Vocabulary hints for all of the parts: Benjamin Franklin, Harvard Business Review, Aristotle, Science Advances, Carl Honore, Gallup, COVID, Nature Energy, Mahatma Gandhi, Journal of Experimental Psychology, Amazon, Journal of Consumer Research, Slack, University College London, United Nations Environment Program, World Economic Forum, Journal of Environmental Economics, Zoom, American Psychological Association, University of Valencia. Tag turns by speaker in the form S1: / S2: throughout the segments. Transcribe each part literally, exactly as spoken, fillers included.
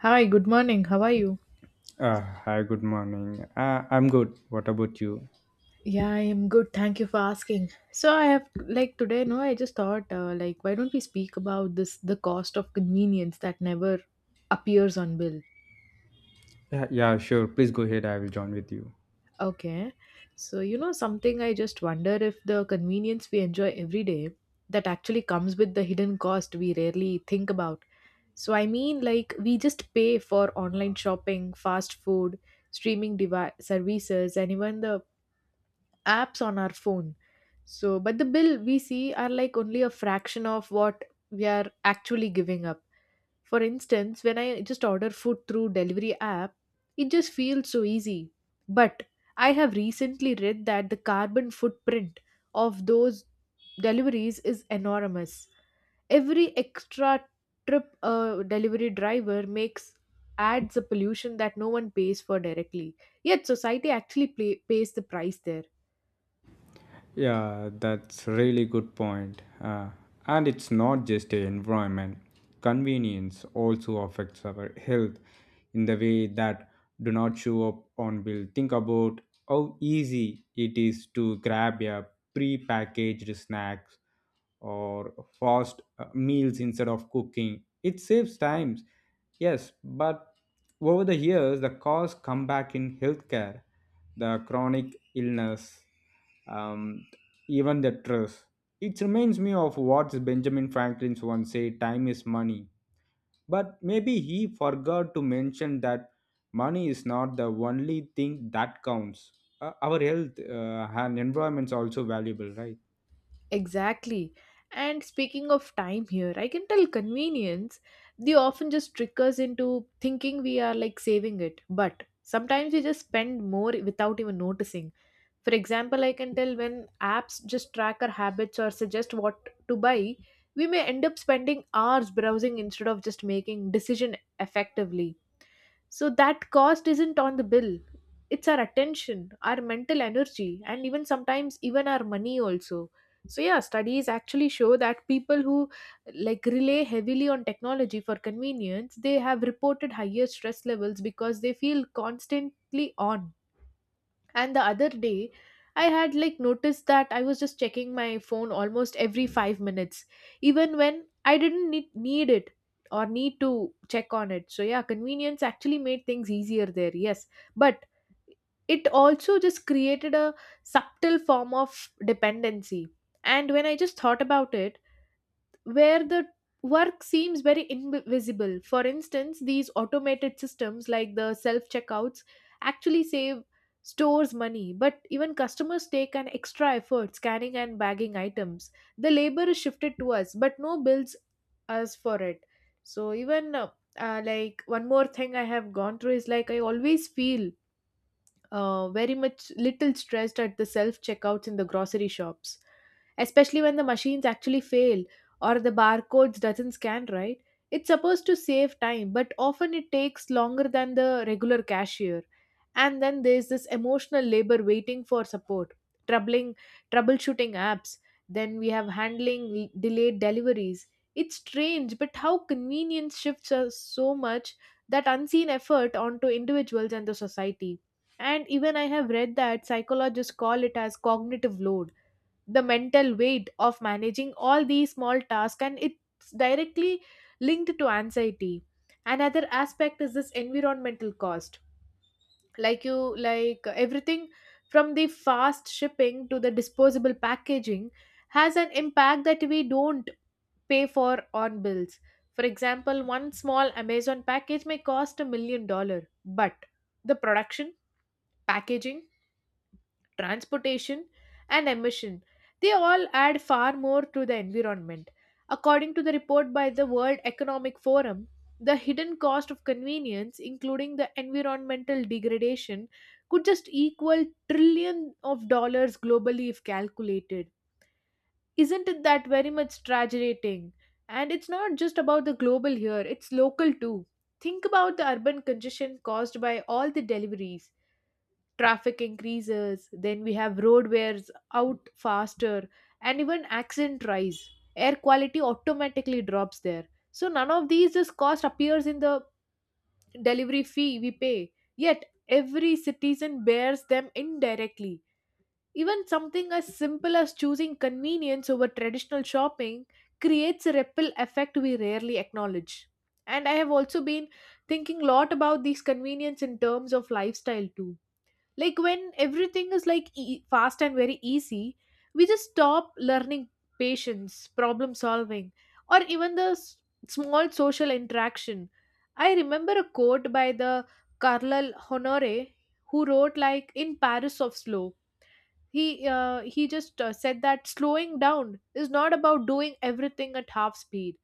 S1: Hi, good morning. How are you?
S2: Uh, hi, good morning. Uh, I'm good. What about you?
S1: Yeah, I am good. Thank you for asking. So I have like today, no, I just thought, uh, like why don't we speak about this the cost of convenience that never appears on bill.
S2: Yeah, yeah, sure. Please go ahead. I will join with you.
S1: Okay. So you know something, I just wonder if the convenience we enjoy every day that actually comes with the hidden cost we rarely think about. So I mean like we just pay for online shopping, fast food, streaming device services and even the apps on our phone, so but the bill we see are like only a fraction of what we are actually giving up. For instance, when I just order food through delivery app, it just feels so easy, but I have recently read that the carbon footprint of those deliveries is enormous. Every extra trip a delivery driver makes adds a pollution that no one pays for directly, yet society actually pay, pays the price there.
S2: Yeah, that's really good point. Uh, and it's not just the environment. Convenience also affects our health in the way that do not show up on bill. Think about how easy it is to grab a pre-packaged snacks or fast uh, meals instead of cooking. It saves times, yes, but over the years the costs come back in healthcare, the chronic illness. Um, Even the trust. It reminds me of what Benjamin Franklin once said time is money. But maybe he forgot to mention that money is not the only thing that counts. Uh, our health uh, and environment is also valuable, right?
S1: Exactly. And speaking of time here, I can tell convenience, they often just trick us into thinking we are like saving it. But sometimes we just spend more without even noticing. For example, I can tell when apps just track our habits or suggest what to buy, we may end up spending hours browsing instead of just making decision effectively. So that cost isn't on the bill. It's our attention, our mental energy, and even sometimes even our money also. So yeah, studies actually show that people who like rely heavily on technology for convenience, they have reported higher stress levels because they feel constantly on. And the other day, I had like noticed that I was just checking my phone almost every five minutes, even when I didn't need, need it or need to check on it. So, yeah, convenience actually made things easier there, yes. But it also just created a subtle form of dependency. And when I just thought about it, where the work seems very invisible. For instance, these automated systems like the self checkouts actually save stores money, but even customers take an extra effort scanning and bagging items. The labor is shifted to us, but no bills us for it. So, even uh, uh, like one more thing I have gone through is like I always feel uh, very much little stressed at the self checkouts in the grocery shops, especially when the machines actually fail or the barcodes doesn't scan right. It's supposed to save time but often it takes longer than the regular cashier. And then there's this emotional labor, waiting for support, troubling troubleshooting apps, then we have handling delayed deliveries. It's strange but how convenience shifts us so much that unseen effort onto individuals and the society. And even I have read that psychologists call it as cognitive load, the mental weight of managing all these small tasks, and it's directly linked to anxiety. Another aspect is this environmental cost. Like you, like everything from the fast shipping to the disposable packaging has an impact that we don't pay for on bills. For example, one small Amazon package may cost a million dollars, but the production, packaging, transportation, and emission. They all add far more to the environment. According to the report by the World Economic Forum, the hidden cost of convenience, including the environmental degradation, could just equal trillion of dollars globally if calculated. Isn't it that very much tragic? And it's not just about the global here, it's local too. Think about the urban congestion caused by all the deliveries. Traffic increases, then we have road wears out faster and even accident rise, air quality automatically drops there. So none of these this cost appears in the delivery fee we pay, yet every citizen bears them indirectly. Even something as simple as choosing convenience over traditional shopping creates a ripple effect we rarely acknowledge. And I have also been thinking a lot about these convenience in terms of lifestyle too. Like when everything is like e- fast and very easy, we just stop learning patience, problem solving, or even the s- small social interaction. I remember a quote by the Carlyle Honore, who wrote like In Paris of Slow. He, uh, he just uh, said that slowing down is not about doing everything at half speed.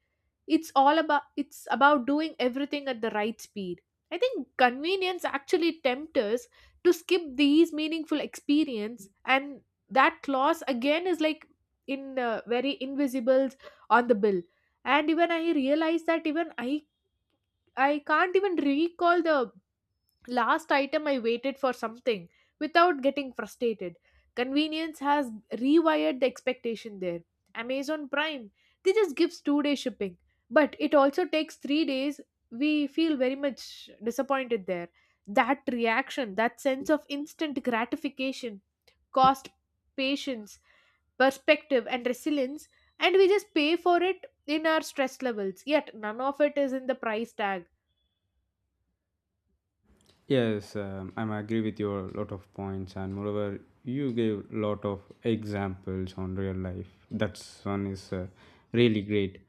S1: It's all about it's about doing everything at the right speed. I think convenience actually tempts us to skip these meaningful experience, and that clause again is like in uh, very invisibles on the bill. And even I realized that even i i can't even recall the last item I waited for something without getting frustrated. Convenience has rewired the expectation there. Amazon Prime, they just gives two day shipping, but it also takes three days. We feel very much disappointed there. That reaction, that sense of instant gratification, cost patience, perspective and resilience, and we just pay for it in our stress levels, yet none of it is in the price tag.
S2: Yes, um, I'm agree with your lot of points, and moreover, you gave lot of examples on real life. That one is uh, really great,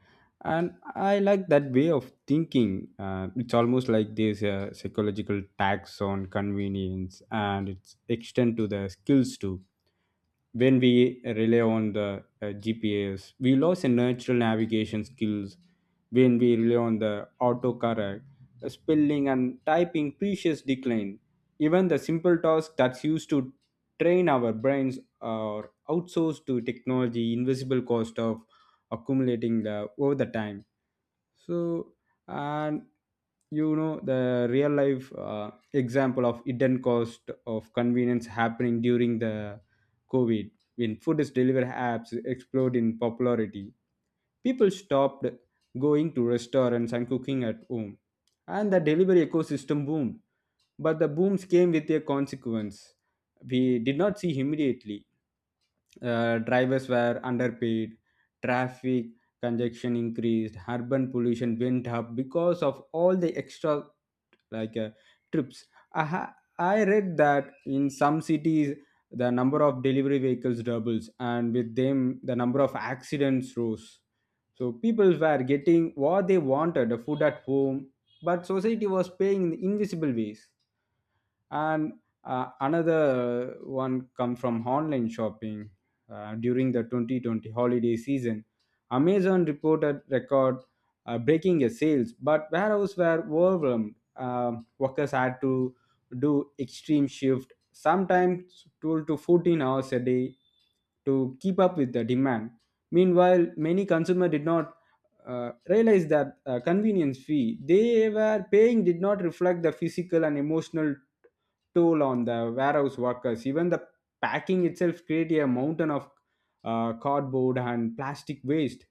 S2: and I like that way of thinking. Uh, it's almost like there's a psychological tax on convenience, and it's extend to the skills too when we rely on the uh, G P S. We lose the natural navigation skills when we rely on the autocorrect, the spelling and typing precious decline. Even the simple task that's used to train our brains are outsourced to technology, invisible cost of accumulating the over the time. So and you know the real life uh, example of hidden cost of convenience happening during the COVID, when food delivery apps exploded in popularity, people stopped going to restaurants and cooking at home. And the delivery ecosystem boomed. But the booms came with a consequence. We did not see immediately. Uh, drivers were underpaid, traffic congestion increased, urban pollution went up because of all the extra like uh, trips. I, ha- I read that in some cities, the number of delivery vehicles doubles, and with them, the number of accidents rose. So people were getting what they wanted, the food at home, but society was paying in invisible ways and uh, another one come from online shopping uh, during the twenty twenty holiday season amazon reported record uh, breaking a sales but warehouses were overwhelmed. Um, Workers had to do extreme shift sometimes twelve to fourteen hours a day to keep up with the demand meanwhile many consumer did not uh, realize that uh, convenience fee they were paying did not reflect the physical and emotional toll on the warehouse workers. Even the packing itself created a mountain of uh, cardboard and plastic waste,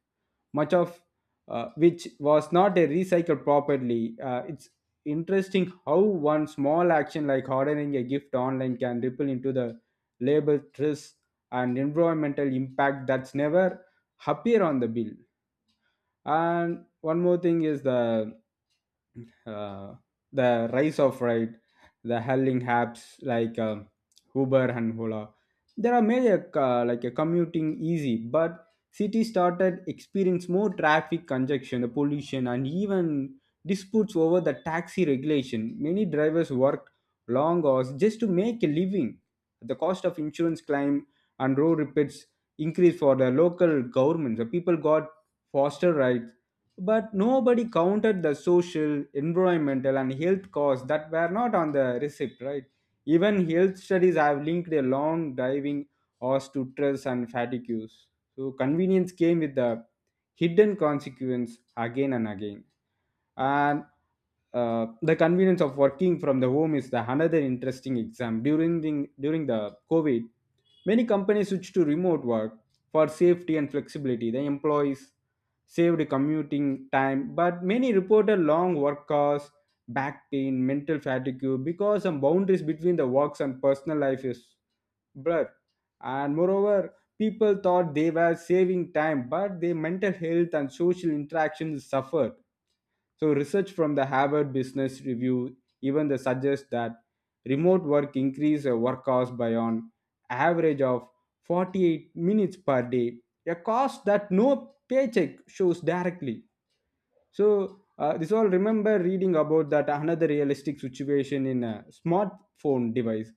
S2: much of uh, which was not uh, recycled properly. Uh, it's interesting how one small action like ordering a gift online can ripple into the labor stress and environmental impact that's never appear on the bill and one more thing is the uh, the rise of right the hailing apps like um uber and hola there are many uh, like a commuting easy but cities started experience more traffic congestion the pollution and even disputes over the taxi regulation many drivers worked long hours just to make a living the cost of insurance claim and road repairs increased for the local governments the people got foster rights, but nobody counted the social, environmental, and health costs that were not on the receipt, right? Even health studies have linked a long driving horse to stress and fatigue use. So convenience came with the hidden consequence again and again. And uh, the convenience of working from the home is the another interesting exam. During the, during the COVID, many companies switched to remote work for safety and flexibility. The employees saved commuting time, but many reported long work hours, back pain, mental fatigue because some boundaries between the works and personal life is blurred. And moreover, people thought they were saving time, but their mental health and social interactions suffered. So, research from the Harvard Business Review even the suggests that remote work increase a work hours by an average of forty-eight minutes per day, a cost that no paycheck shows directly. So uh, this all remember reading about that another realistic situation in a smartphone device,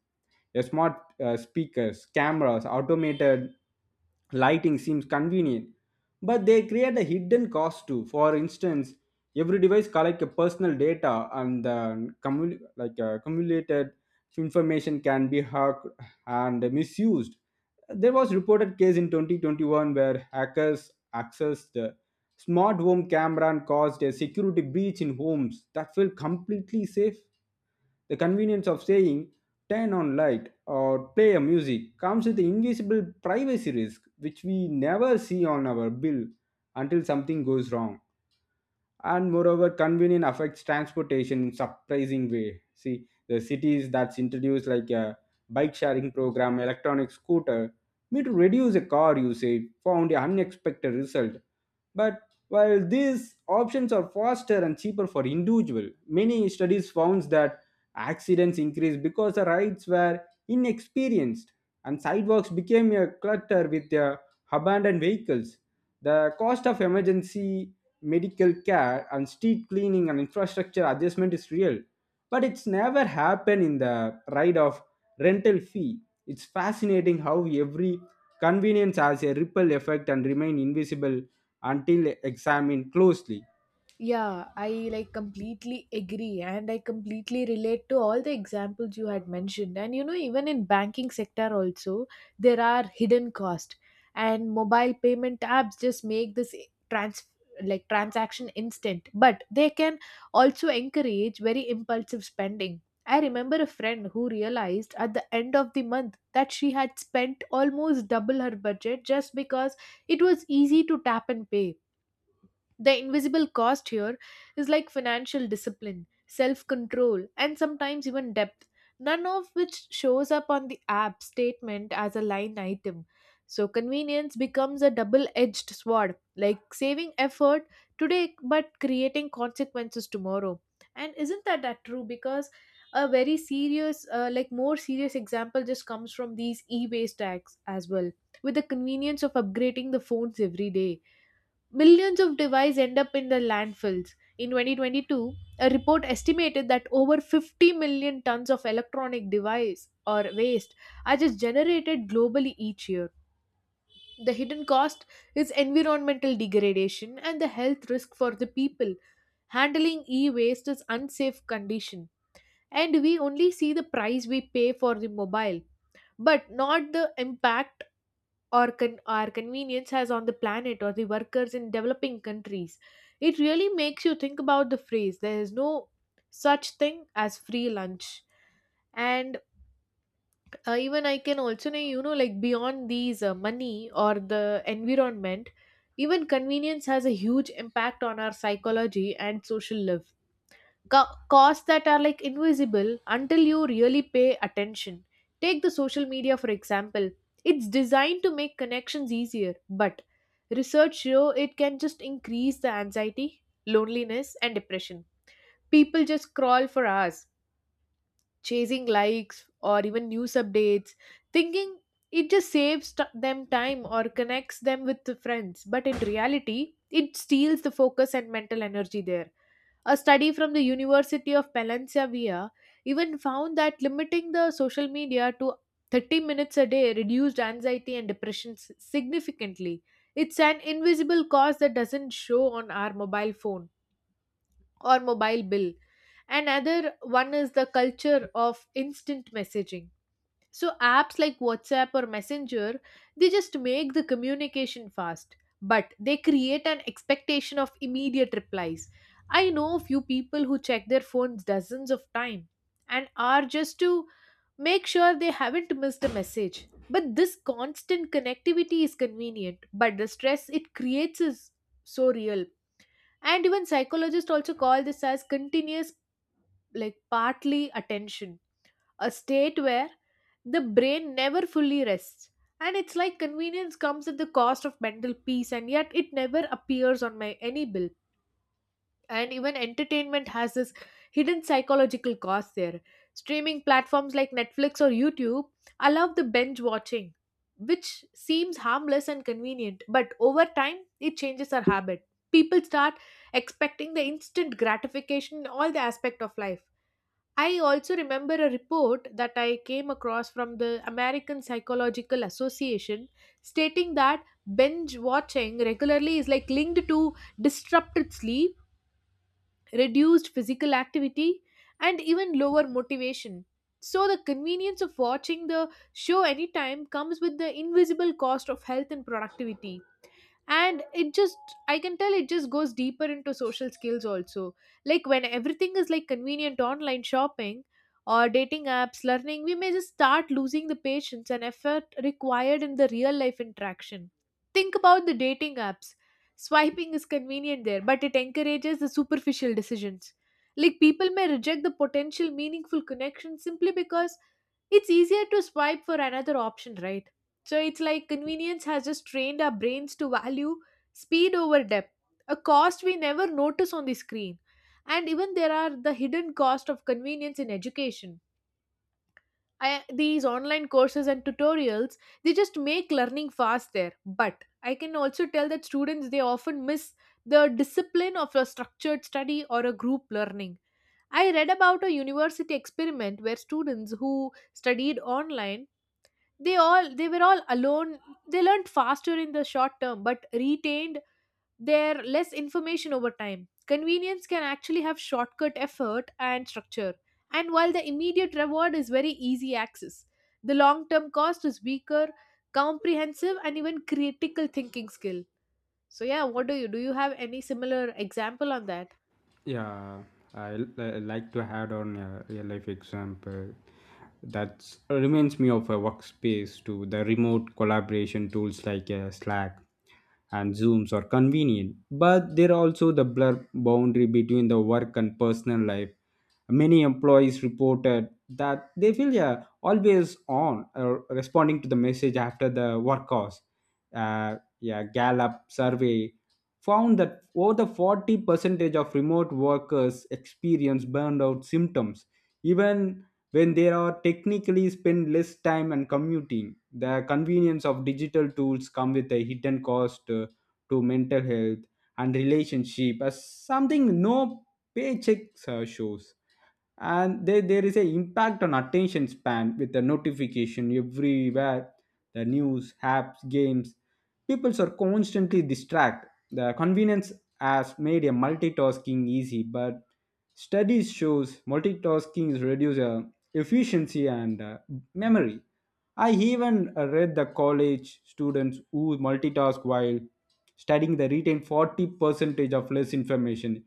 S2: a smart uh, speakers, cameras, automated lighting seems convenient, but they create a hidden cost too. For instance, every device collect a personal data and uh, cumul- like uh, accumulated information can be hacked and misused. There was reported case in twenty twenty-one where hackers accessed smart home camera caused a security breach in homes that felt completely safe. The convenience of saying turn on light or play a music comes with the invisible privacy risk which we never see on our bill until something goes wrong and moreover convenience affects transportation in surprising way see the cities that's introduced like a bike sharing program electronic scooter may to reduce a car usage found an unexpected result but while these options are faster and cheaper for individual many studies found that accidents increased because the rides were inexperienced and sidewalks became a clutter with the abandoned vehicles the cost of emergency medical care and street cleaning and infrastructure adjustment is real but it's never happened in the ride of rental fee it's fascinating how every convenience has a ripple effect and remain invisible until examined closely.
S1: Yeah, I like completely agree and I completely relate to all the examples you had mentioned. And you know, even in banking sector also, there are hidden cost, and mobile payment apps just make this trans like transaction instant, but they can also encourage very impulsive spending. I remember a friend who realized at the end of the month that she had spent almost double her budget just because it was easy to tap and pay. The invisible cost here is like financial discipline, self control, and sometimes even depth, none of which shows up on the app statement as a line item. So, convenience becomes a double edged sword, like saving effort today but creating consequences tomorrow. And isn't that, that true? Because a very serious, uh, like more serious example just comes from these e waste tags as well. With the convenience of upgrading the phones every day, millions of devices end up in the landfills. In twenty twenty-two, a report estimated that over fifty million tons of electronic device or waste are just generated globally each year. The hidden cost is environmental degradation and the health risk for the people. Handling e-waste is unsafe condition, and we only see the price we pay for the mobile but not the impact or con- our convenience has on the planet or the workers in developing countries. It really makes you think about the phrase, there is no such thing as free lunch. And uh, even I can also know, you know, like beyond these uh, money or the environment, even convenience has a huge impact on our psychology and social life. Ca- costs that are like invisible until you really pay attention. Take the social media for example. It's designed to make connections easier, but research show it can just increase the anxiety, loneliness, and depression. People just crawl for hours, chasing likes or even news updates, thinking it just saves t- them time or connects them with the friends. But in reality, it steals the focus and mental energy there. A study from the University of Valencia even found that limiting the social media to thirty minutes a day reduced anxiety and depression s- significantly. It's an invisible cause that doesn't show on our mobile phone or mobile bill. Another one is the culture of instant messaging. So apps like WhatsApp or Messenger, they just make the communication fast, but they create an expectation of immediate replies. I know a few people who check their phones dozens of times and are just to make sure they haven't missed a message. But this constant connectivity is convenient, but the stress it creates is so real. And even psychologists also call this as continuous like partly attention, a state where the brain never fully rests. And it's like convenience comes at the cost of mental peace, and yet it never appears on my any bill. And even entertainment has this hidden psychological cost there. Streaming platforms like Netflix or YouTube allow the binge watching, which seems harmless and convenient, but over time it changes our habit. People start expecting the instant gratification in all the aspect of life. I also remember a report that I came across from the American Psychological Association stating that binge watching regularly is like linked to disrupted sleep, reduced physical activity, and even lower motivation. So, the convenience of watching the show anytime comes with the invisible cost of health and productivity. And it just, I can tell, it just goes deeper into social skills also. Like when everything is like convenient online shopping or dating apps learning, we may just start losing the patience and effort required in the real life interaction. Think about the dating apps. Swiping is convenient there, but it encourages the superficial decisions. Like people may reject the potential meaningful connection simply because it's easier to swipe for another option, right? So it's like convenience has just trained our brains to value speed over depth, a cost we never notice on the screen. And even there are the hidden cost of convenience in education. I, these online courses and tutorials, they just make learning faster, but I can also tell that students, they often miss the discipline of a structured study or a group learning. I read about a university experiment where students who studied online, they all they were all alone. They learned faster in the short term but retained their less information over time. Convenience can actually have shortcut effort and structure, and while the immediate reward is very easy access, the long term cost is weaker comprehensive and even critical thinking skill. So yeah, what do you do you have any similar example on that?
S2: Yeah, I l- I like to add on a real life example that reminds me of a workspace to the remote collaboration tools like uh, Slack and Zooms are convenient, but they're also the blur boundary between the work and personal life. Many employees reported that they feel yeah, always on uh, responding to the message after the work hours. Uh, yeah, Gallup survey found that over forty percentage of remote workers experience burnout symptoms, even when they are technically spend less time and commuting. The convenience of digital tools come with a hidden cost uh, to mental health and relationship as something no paychecks uh, shows and they, there is a impact on attention span with the notification everywhere the news apps games people are constantly distracted the convenience has made a multitasking easy but studies shows multitasking is reduce uh, efficiency and uh, memory. I even uh, read the college students who multitask while studying the retain forty percentage of less information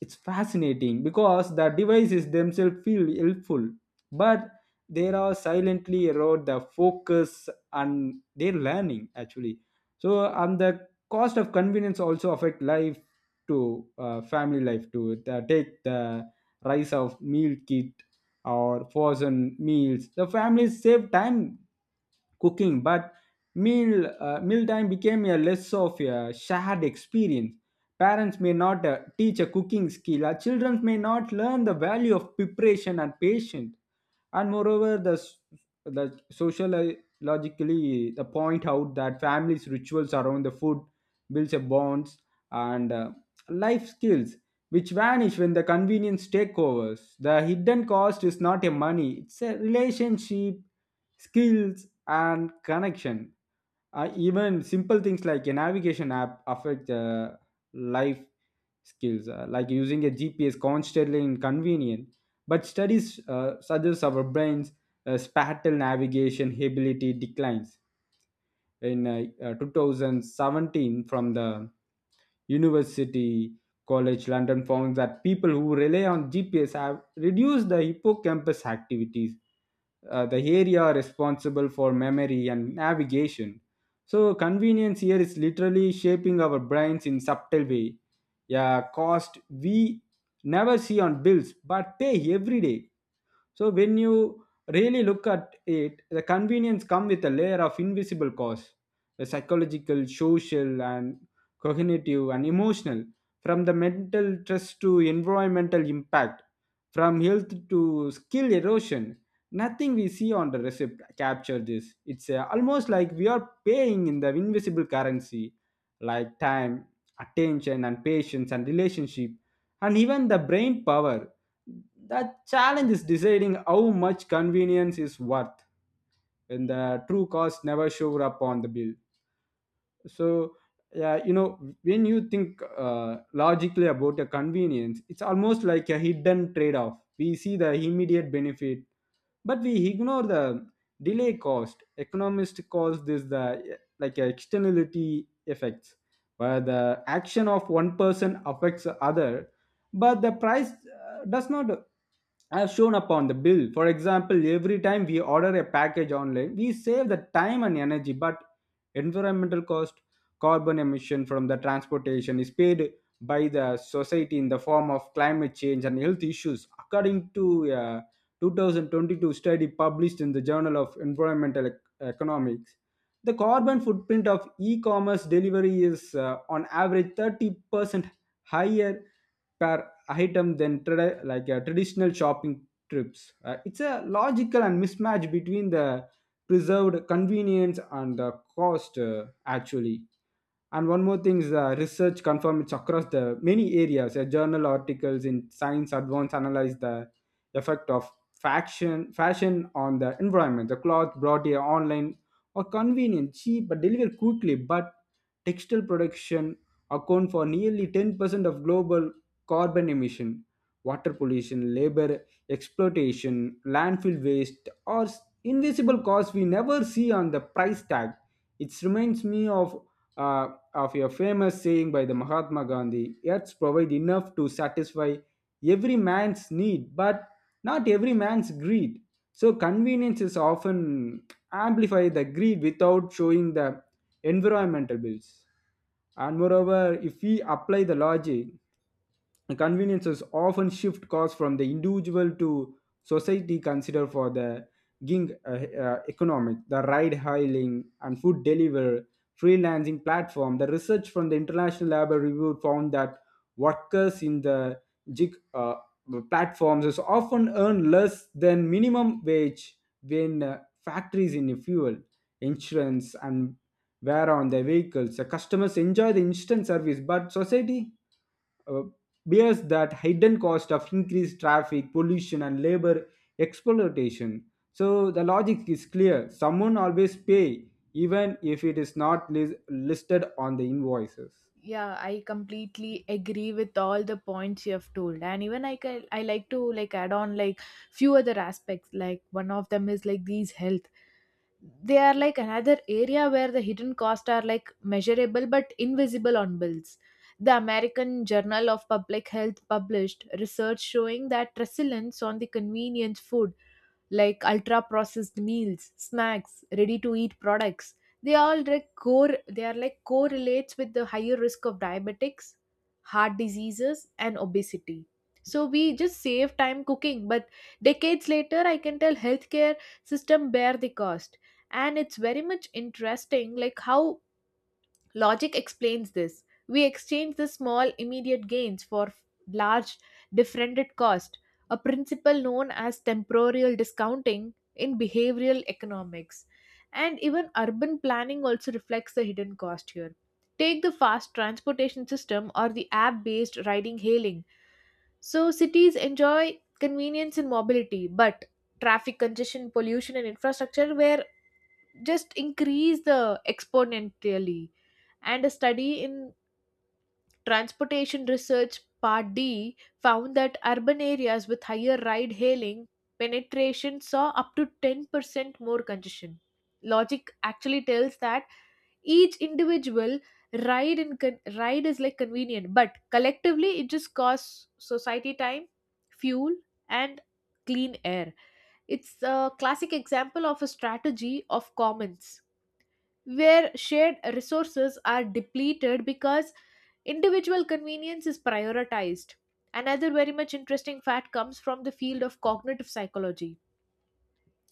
S2: it's fascinating because the devices themselves feel helpful but they are silently erode the focus and their learning actually so and the cost of convenience also affect life to uh, family life to take the rise of meal kit or frozen meals the families save time cooking but Meal uh, mealtime became a less of a shared experience. Parents may not uh, teach a cooking skill, our children may not learn the value of preparation and patience. And moreover, the s- the sociologically the point out that families' rituals around the food builds a bonds and uh, life skills which vanish when the convenience takeovers. The hidden cost is not a money, it's a relationship, skills, and connection. Uh, even simple things like a navigation app affect uh, life skills, uh, like using a G P S constantly inconvenient. But studies uh, suggest our brains' uh, spatial navigation ability declines in uh, uh, twenty seventeen from the University College London found that people who rely on G P S have reduced the hippocampus activities, uh, the area responsible for memory and navigation. So convenience here is literally shaping our brains in subtle way. Yeah, cost we never see on bills but pay every day. So when you really look at it, the convenience come with a layer of invisible costs, the psychological, social, and cognitive and emotional, from the mental stress to environmental impact, from health to skill erosion. Nothing we see on the receipt capture this. It's uh, almost like we are paying in the invisible currency, like time, attention, and patience, and relationship, and even the brain power that. Challenge is deciding how much convenience is worth when the true cost never shows up on the bill. So, yeah, you know, when you think uh, logically about a convenience, it's almost like a hidden trade off. We see the immediate benefit, but we ignore the delay cost. Economists call this the like externality effects, where the action of one person affects the other, but the price uh, does not as shown upon the bill. For example, every time we order a package online, we save the time and energy, but environmental cost, carbon emission from the transportation is paid by the society in the form of climate change and health issues, according to a two thousand twenty-two study published in the Journal of Environmental Ec- Economics. The carbon footprint of e commerce delivery is uh, on average thirty percent higher per item than trad- like uh, traditional shopping trips. Uh, it's a logical and mismatch between the preserved convenience and the cost uh, actually and one more thing is uh, research confirm it's across the many areas. Uh, journal articles in Science Advance analyze the effect of fashion fashion on the environment. The cloth brought here online are convenient, cheap, but delivered quickly. But textile production account for nearly ten percent of global carbon emission, water pollution, labor exploitation, landfill waste, or s- invisible costs we never see on the price tag. It reminds me of uh, of a famous saying by the Mahatma Gandhi Earths provide enough to satisfy every man's need, but not every man's greed. So, conveniences often amplify the greed without showing the environmental bills. And moreover, if we apply the logic, conveniences often shift costs from the individual to society consider for the gig uh, uh, economic the ride hailing and food delivery freelancing platform the research from the international labor review found that workers in the gig uh, platforms is often earn less than minimum wage when uh, factories in fuel insurance and wear on their vehicles the customers enjoy the instant service but society uh, bears that hidden cost of increased traffic, pollution, and labor exploitation. So the logic is clear. Someone always pay, even if it is not lis- listed on the invoices.
S1: Yeah, I completely agree with all the points you have told, and even i can, I like to like add on like few other aspects. Like one of them is like these health, they are like another area where the hidden costs are like measurable but invisible on bills. The American Journal of Public Health published research showing that resilience on the convenience food like ultra processed meals, snacks, ready to eat products. They all like core they are like correlates with the higher risk of diabetics, heart diseases and obesity. So we just save time cooking, but decades later I can tell healthcare system bear the cost. And it's very much interesting like how logic explains this. We exchange the small immediate gains for f- large differended cost, a principle known as temporal discounting in behavioral economics. And even urban planning also reflects the hidden cost here. Take the fast transportation system or the app based riding hailing. So, cities enjoy convenience and mobility, but traffic congestion, pollution, and infrastructure were just increase the exponentially. And a study in transportation research part d found that urban areas with higher ride hailing penetration saw up to ten percent more congestion. Logic actually tells that each individual ride in con- ride is like convenient, but collectively it just costs society time, fuel, and clean air. It's a classic example of a strategy of commons where shared resources are depleted because individual convenience is prioritized. Another very much interesting fact comes from the field of cognitive psychology.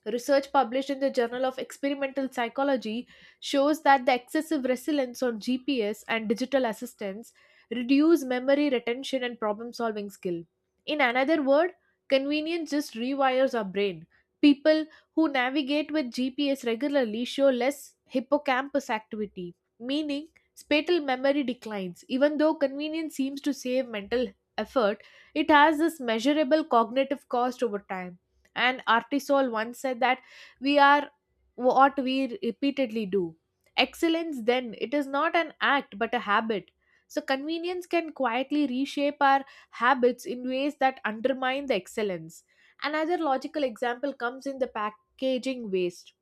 S1: Research published in the Journal of Experimental Psychology shows that the excessive resilience on G P S and digital assistance reduce memory retention and problem solving skill. In another word, convenience just rewires our brain. People who navigate with G P S regularly show less hippocampus activity, meaning spatial memory declines. Even though convenience seems to save mental effort, it has this measurable cognitive cost over time. And Artisol once said that we are what we repeatedly do. Excellence, then, it is not an act but a habit. So, convenience can quietly reshape our habits in ways that undermine the excellence. Another logical example comes in the packaging waste.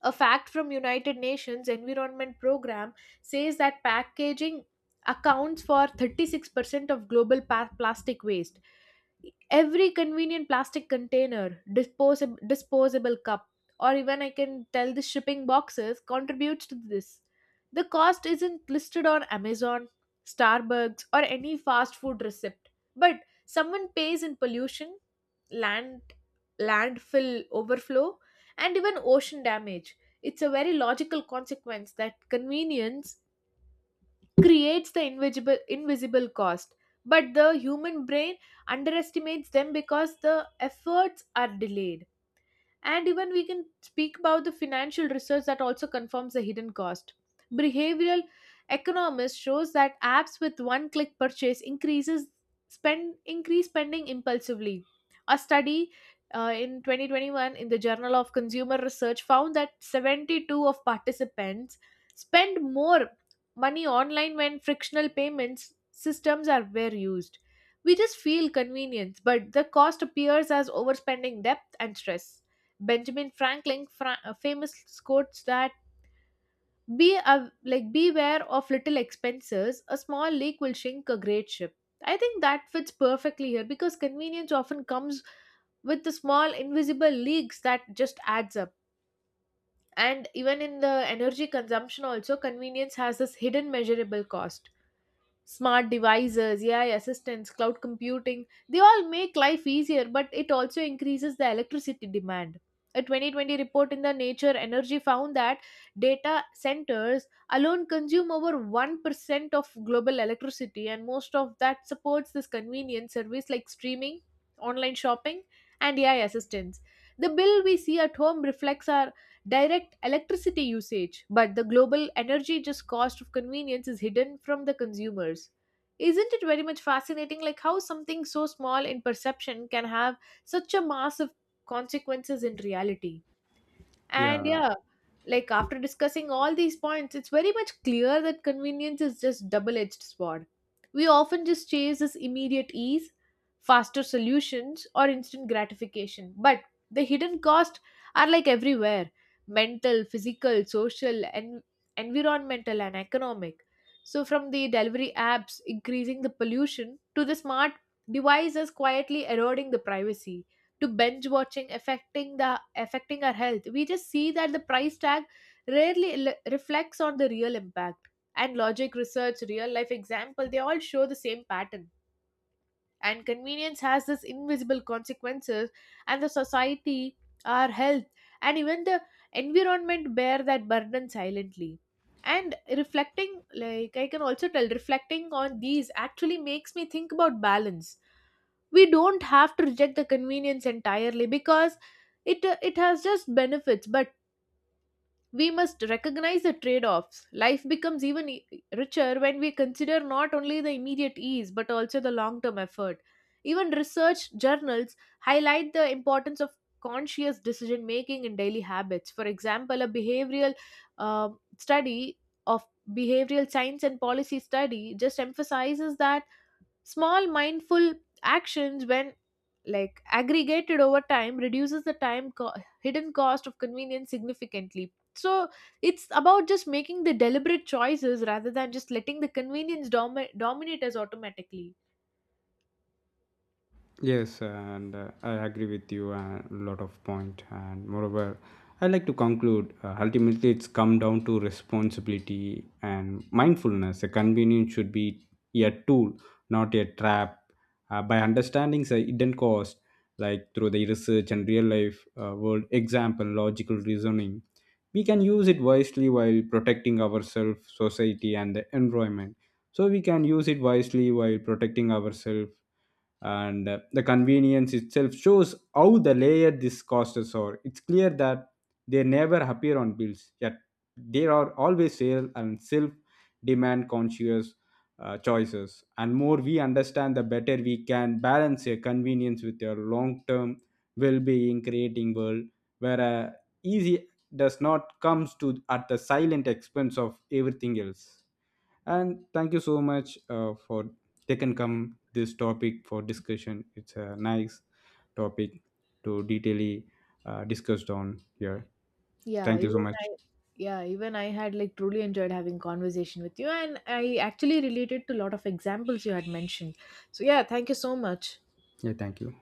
S1: A fact from United Nations Environment Program says that packaging accounts for thirty-six percent of global pa- plastic waste. Every convenient plastic container, disposable disposable cup, or even I can tell the shipping boxes contributes to this. The cost isn't listed on Amazon, Starbucks, or any fast food receipt, but someone pays in pollution, land landfill overflow, and even ocean damage. It's a very logical consequence that convenience creates the invisible invisible cost, but the human brain underestimates them because the efforts are delayed. And even we can speak about the financial research that also confirms the hidden cost. Behavioral economists shows that apps with one-click purchase increases spend increase spending impulsively. A study uh, in twenty twenty-one in the Journal of Consumer Research found that seventy-two of participants spend more money online when frictional payments systems are were used. We just feel convenience, but the cost appears as overspending depth and stress. Benjamin Franklin fra- uh, famous quotes that be a, like beware of little expenses, a small leak will sink a great ship. I think that fits perfectly here because convenience often comes with the small invisible leaks that just adds up. And even in the energy consumption also, convenience has this hidden measurable cost. Smart devices, A I assistants, cloud computing, they all make life easier, but it also increases the electricity demand. A twenty twenty report in the Nature Energy found that data centers alone consume over one percent of global electricity, and most of that supports this convenience service like streaming, online shopping, and A I assistance. The bill we see at home reflects our direct electricity usage, but the global energy just cost of convenience is hidden from the consumers. Isn't it very much fascinating like how something so small in perception can have such a massive consequences in reality? And
S2: Yeah,
S1: yeah, like after discussing all these points, it's very much clear that convenience is just double-edged sword. We often just chase this immediate ease, faster solutions, or instant gratification. But the hidden costs are like everywhere, mental, physical, social, and environmental and economic. So from the delivery apps increasing the pollution to the smart devices quietly eroding the privacy to binge watching affecting the affecting our health, we just see that the price tag rarely le- reflects on the real impact. And logic research real life example, they all show the same pattern, and convenience has this invisible consequences, and the society, our health, and even the environment bear that burden silently. And reflecting, like I can also tell, reflecting on these actually makes me think about balance. We don't have to reject the convenience entirely because it uh, it has just benefits, but we must recognize the trade offs. Life becomes even e- richer when we consider not only the immediate ease but also the long term effort. Even research journals highlight the importance of conscious decision making in daily habits. For example, a behavioral um study of behavioral science and policy study just emphasizes that small mindful actions, when like aggregated over time, reduces the time co- hidden cost of convenience significantly. So it's about just making the deliberate choices rather than just letting the convenience domi- dominate us automatically.
S2: yes, and uh, I agree with you a lot of point. And moreover, I like to conclude. Uh, ultimately, it's come down to responsibility and mindfulness. A convenience should be a tool, not a trap. Uh, by understanding the hidden cost, like through the research and real life uh, world example, logical reasoning, we can use it wisely while protecting ourselves, society, and the environment so we can use it wisely while protecting ourselves and uh, the convenience itself shows how the layered these costs are it's clear that they never appear on bills yet there are always sale and self demand conscious uh, choices and more we understand the better we can balance your convenience with your long term well-being creating world where uh, easy does not comes to at the silent expense of everything else and thank you so much uh, for taking come this topic for discussion. It's a nice topic to detailly uh, discussed on here.
S1: yeah
S2: Thank you so
S1: even
S2: much.
S1: i yeah, even I had like truly enjoyed having conversation with you, and I actually related to a lot of examples you had mentioned. So yeah, thank you so much.
S2: Yeah, thank you.